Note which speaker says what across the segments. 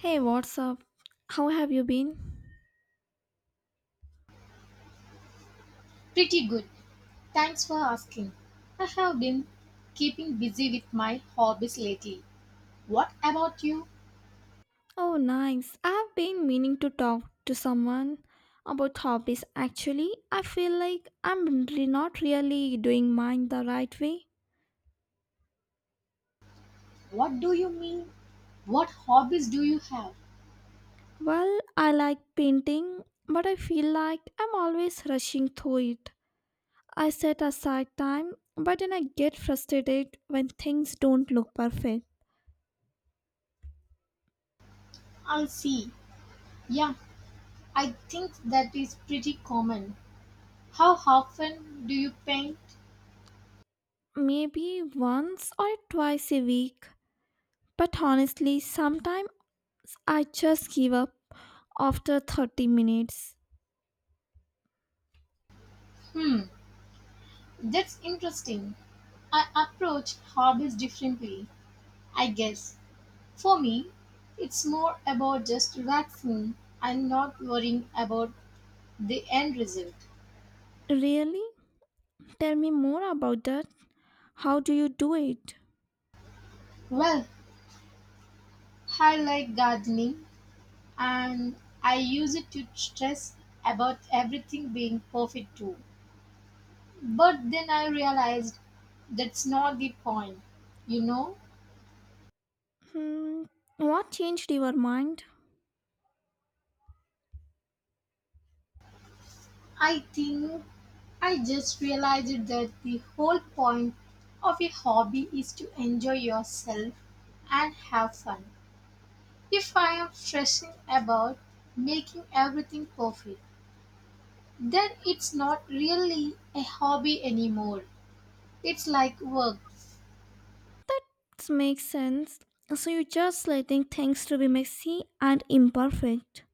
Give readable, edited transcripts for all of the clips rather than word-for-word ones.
Speaker 1: Hey, what's up? How have you been?
Speaker 2: Pretty good. Thanks for asking. I have been keeping busy with my hobbies lately. What about you?
Speaker 1: Oh, nice. I've been meaning to talk to someone about hobbies. Actually, I feel like not really doing mine the right way.
Speaker 2: What do you mean? What hobbies do you have?
Speaker 1: Well, I like painting, but I feel like I'm always rushing through it. I set aside time, but then I get frustrated when things don't look perfect.
Speaker 2: I'll see. Yeah, I think that is pretty common. How often do you paint?
Speaker 1: Maybe once or twice a week, but honestly, sometimes I just give up after 30 minutes.
Speaker 2: Hmm, that's interesting. I approach hobbies differently, I guess. For me, it's more about just relaxing and not worrying about the end result.
Speaker 1: Really? Tell me more about that. How do you do it?
Speaker 2: Well, I like gardening and I use it to stress about everything being perfect too. But then I realized that's not the point. You know,
Speaker 1: Hmm, what changed your mind?
Speaker 2: I think I just realized that the whole point of a hobby is to enjoy yourself and have fun. If I am stressing about making everything perfect, then it's not really a hobby anymore. It's like work.
Speaker 1: It makes sense. So you're just letting things to be messy and imperfect.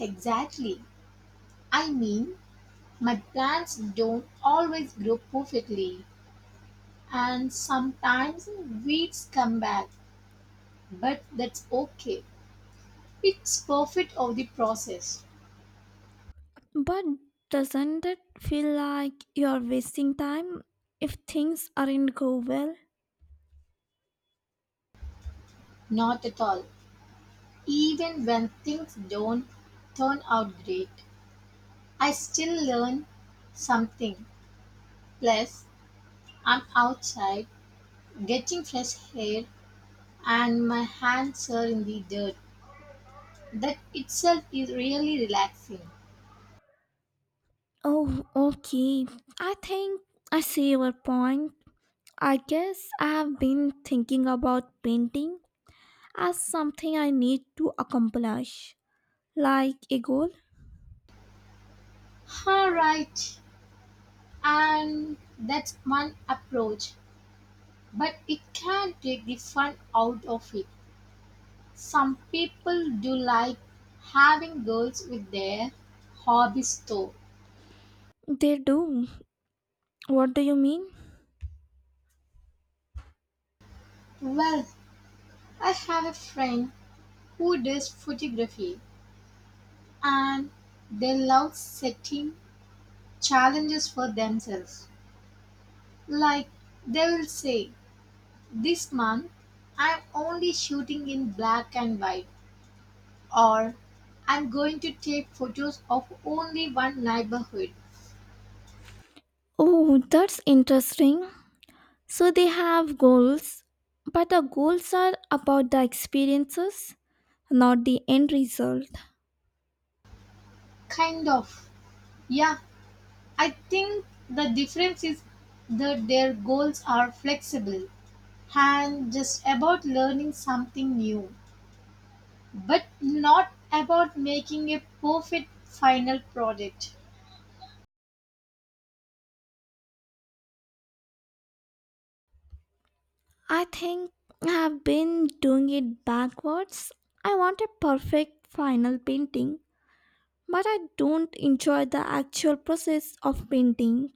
Speaker 2: Exactly. I mean, my plants don't always grow perfectly, and sometimes weeds come back, but that's okay. It's perfect of the process.
Speaker 1: But doesn't it feel like you're wasting time if things aren't go well?
Speaker 2: Not at all. Even when things don't turn out great, I still learn something. Plus, I'm outside getting fresh air, and my hands are in the dirt. That itself is really relaxing.
Speaker 1: Oh, okay. I think I see your point. I guess I have been thinking about painting as something I need to accomplish, like a goal.
Speaker 2: All right. And that's one approach, but it can take the fun out of it. Some people do like having goals with their hobbies though.
Speaker 1: They do. What do you mean?
Speaker 2: Well, I have a friend who does photography and they love setting challenges for themselves. Like they will say, this month I'm only shooting in black and white, or I'm going to take photos of only one neighborhood.
Speaker 1: Oh, that's interesting. So they have goals, but the goals are about the experiences, not the end result.
Speaker 2: Kind of. Yeah, I think the difference is that their goals are flexible and just about learning something new, but not about making a perfect final product.
Speaker 1: I think I have been doing it backwards. I want a perfect final painting, but I don't enjoy the actual process of painting.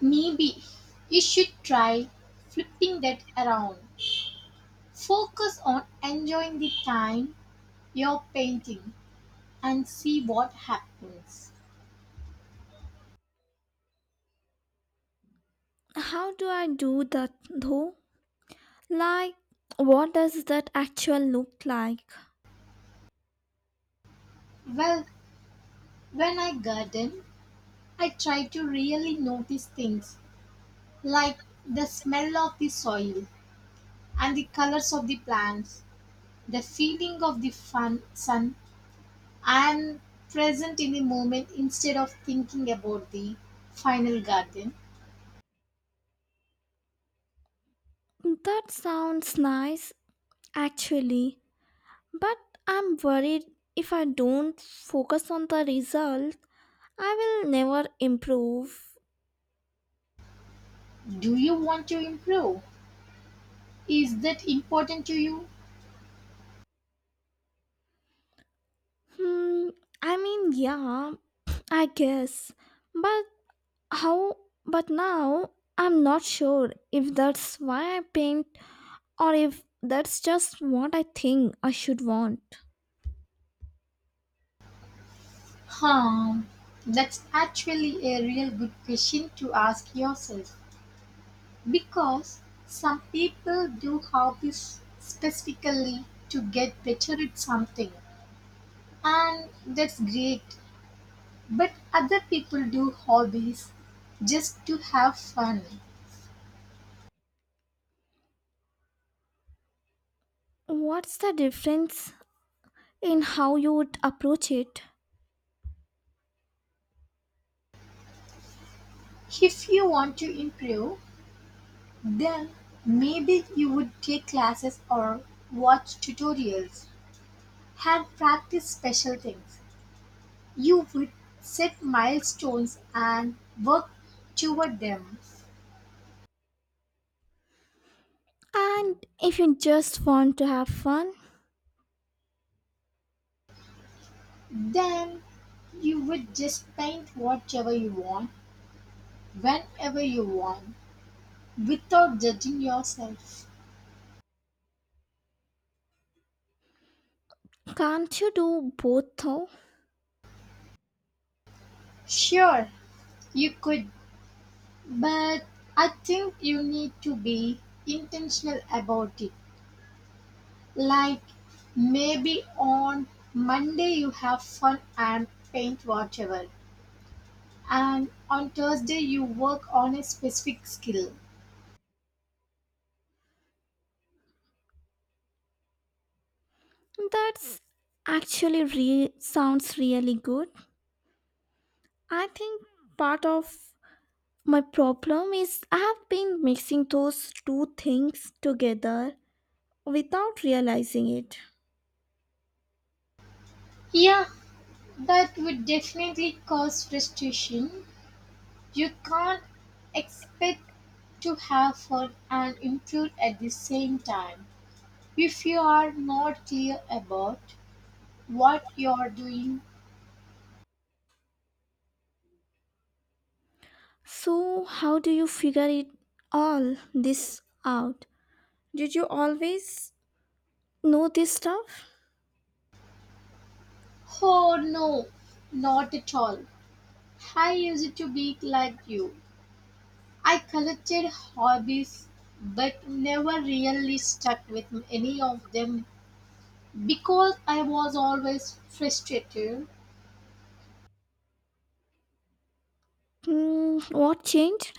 Speaker 2: Maybe you should try flipping that around. Focus on enjoying the time you're painting and see what happens.
Speaker 1: How do I do that though? Like, what does that actual look like?
Speaker 2: Well, when I garden, I try to really notice things like the smell of the soil and the colors of the plants, the feeling of the sun, and present in the moment instead of thinking about the final garden.
Speaker 1: That sounds nice, actually, but I'm worried if I don't focus on the result, I will never improve.
Speaker 2: Do you want to improve? Is that important to you?
Speaker 1: Hmm, I mean, yeah, I guess, but how? But now I'm not sure if that's why I paint or if that's just what I think I should want.
Speaker 2: Hmm, that's actually a real good question to ask yourself. Because some people do hobbies specifically to get better at something, and that's great. But other people do hobbies just to have fun.
Speaker 1: What's the difference in how you would approach it?
Speaker 2: If you want to improve, then maybe you would take classes or watch tutorials and practice special things. You would set milestones and work toward them.
Speaker 1: And if you just want to have fun,
Speaker 2: Then you would just paint whatever you want, whenever you want, without judging yourself.
Speaker 1: can't you do both though?
Speaker 2: Sure, you could, but I think you need to be intentional about it. Like maybe on Monday you have fun and paint whatever, and on Thursday you work on a specific skill.
Speaker 1: That's sounds really good. I think part of my problem is I have been mixing those two things together without realizing it.
Speaker 2: Yeah, that would definitely cause frustration. You can't expect to have fun and improve at the same time. If you are not clear about what you're doing,
Speaker 1: So, how do you figure it all this out? Did you always know this stuff?
Speaker 2: oh no, not at all. I used to be like you. I collected hobbies but never really stuck with any of them because I was always frustrated.
Speaker 1: Hmm, what changed?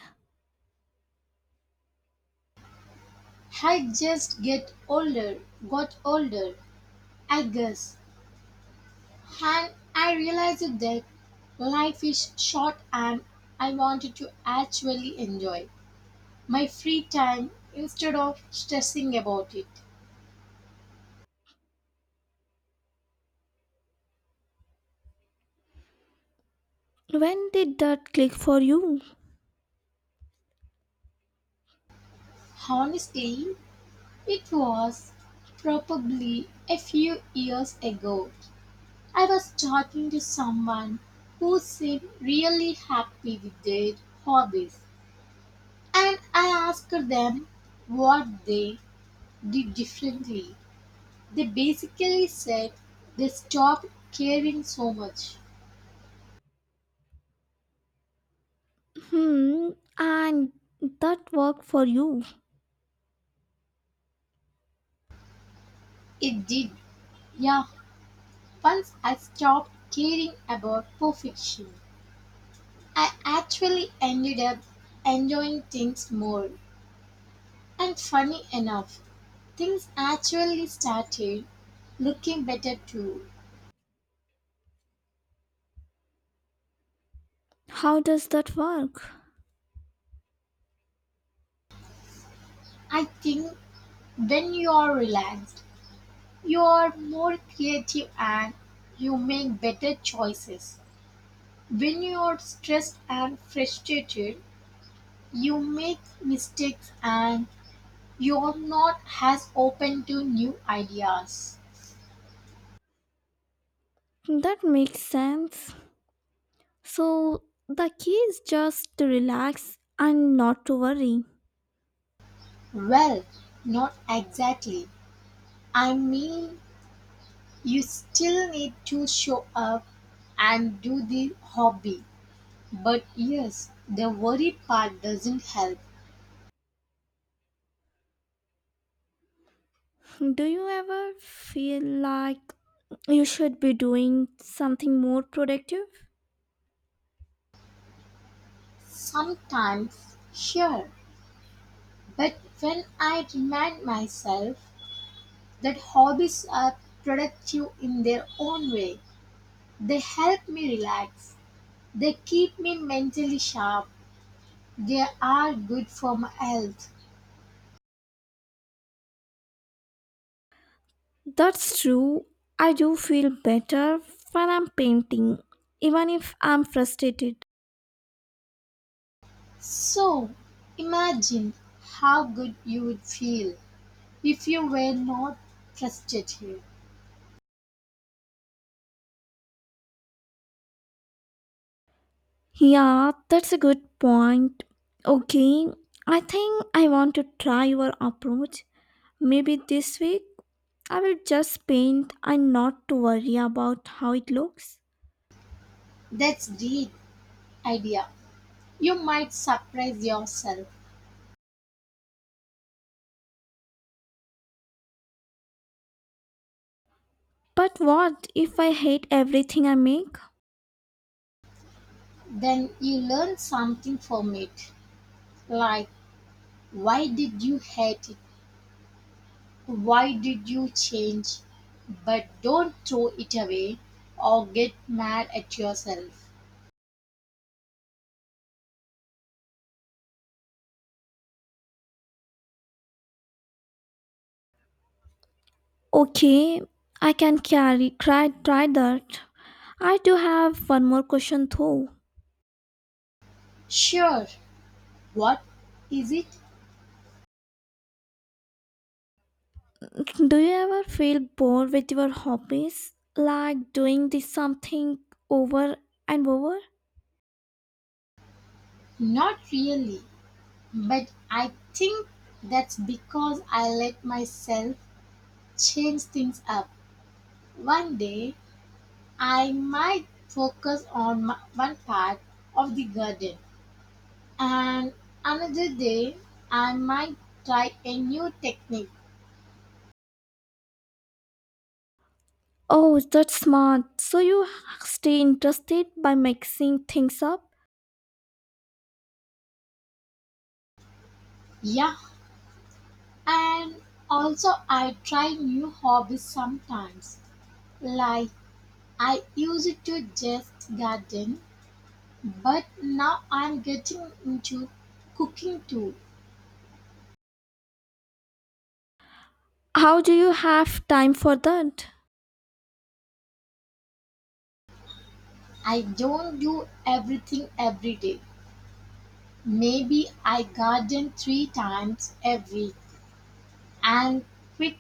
Speaker 2: I just get older, got older, I guess. And I realized that life is short and I wanted to actually enjoy my free time instead of stressing about it.
Speaker 1: When did that click for you?
Speaker 2: Honestly, it was probably a few years ago. I was talking to someone who seemed really happy with their hobbies and I asked them what they did differently. They basically said they stopped caring so much.
Speaker 1: Hmm, and that worked for you.
Speaker 2: It did. Yeah, once I stopped caring about perfection, I actually ended up enjoying things more. And funny enough, things actually started looking better too.
Speaker 1: How does that work?
Speaker 2: I think when you are relaxed, you are more creative and you make better choices. When you are stressed and frustrated, you make mistakes and you're not as open to new ideas.
Speaker 1: That makes sense. So, the key is just to relax and not to worry.
Speaker 2: Well, not exactly. I mean, you still need to show up and do the hobby. But yes, the worry part doesn't help.
Speaker 1: Do you ever feel like you should be doing something more productive?
Speaker 2: Sometimes, sure. But when I remind myself that hobbies are productive in their own way, they help me relax. They keep me mentally sharp. They are good for my health.
Speaker 1: That's true. I do feel better when I'm painting, even if I'm frustrated.
Speaker 2: So, imagine how good you would feel if you were not trusted here.
Speaker 1: Yeah, that's a good point. Okay, I think I want to try your approach. Maybe this week I will just paint and not to worry about how it looks.
Speaker 2: That's deep idea. You might surprise yourself.
Speaker 1: But what if I hate everything I make?
Speaker 2: Then you learn something from it. Like, why did you hate it? Why did you change? But don't throw it away or get mad at yourself.
Speaker 1: Okay, I can carry try that. I do have one more question though.
Speaker 2: Sure, what is it?
Speaker 1: Do you ever feel bored with your hobbies? Like doing this something over and over?
Speaker 2: Not really, but I think that's because I let myself change things up. One day I might focus on one part of the garden, and another day I might try a new technique.
Speaker 1: Oh, that's smart. So you stay interested by mixing things up?
Speaker 2: Yeah, and also I try new hobbies sometimes. Like I used to just garden, but now I'm getting into cooking too.
Speaker 1: How do you have time for that?
Speaker 2: I don't do everything every day. Maybe I garden 3 times a week and pick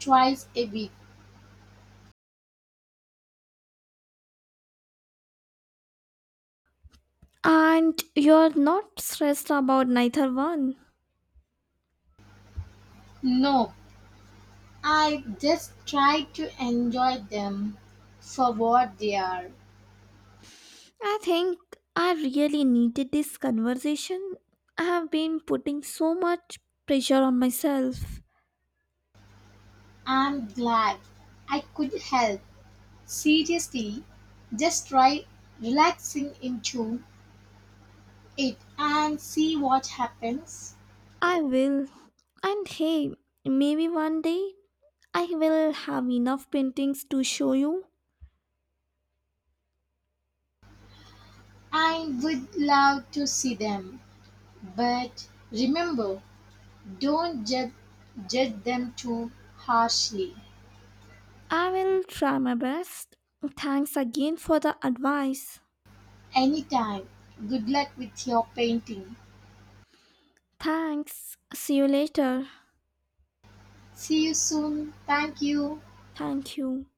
Speaker 2: twice a week.
Speaker 1: And you're not stressed about neither one.
Speaker 2: No, I just try to enjoy them for what they are.
Speaker 1: I think I really needed this conversation. I have been putting so much pressure on myself.
Speaker 2: I'm glad I could help. Seriously, just try relaxing into it and see what happens.
Speaker 1: I will. And hey, maybe one day I will have enough paintings to show you.
Speaker 2: I would love to see them, but remember, don't judge them too harshly.
Speaker 1: I will try my best. Thanks again for the advice.
Speaker 2: Anytime. Good luck with your painting.
Speaker 1: Thanks. See you later.
Speaker 2: See you soon. Thank you.
Speaker 1: Thank you.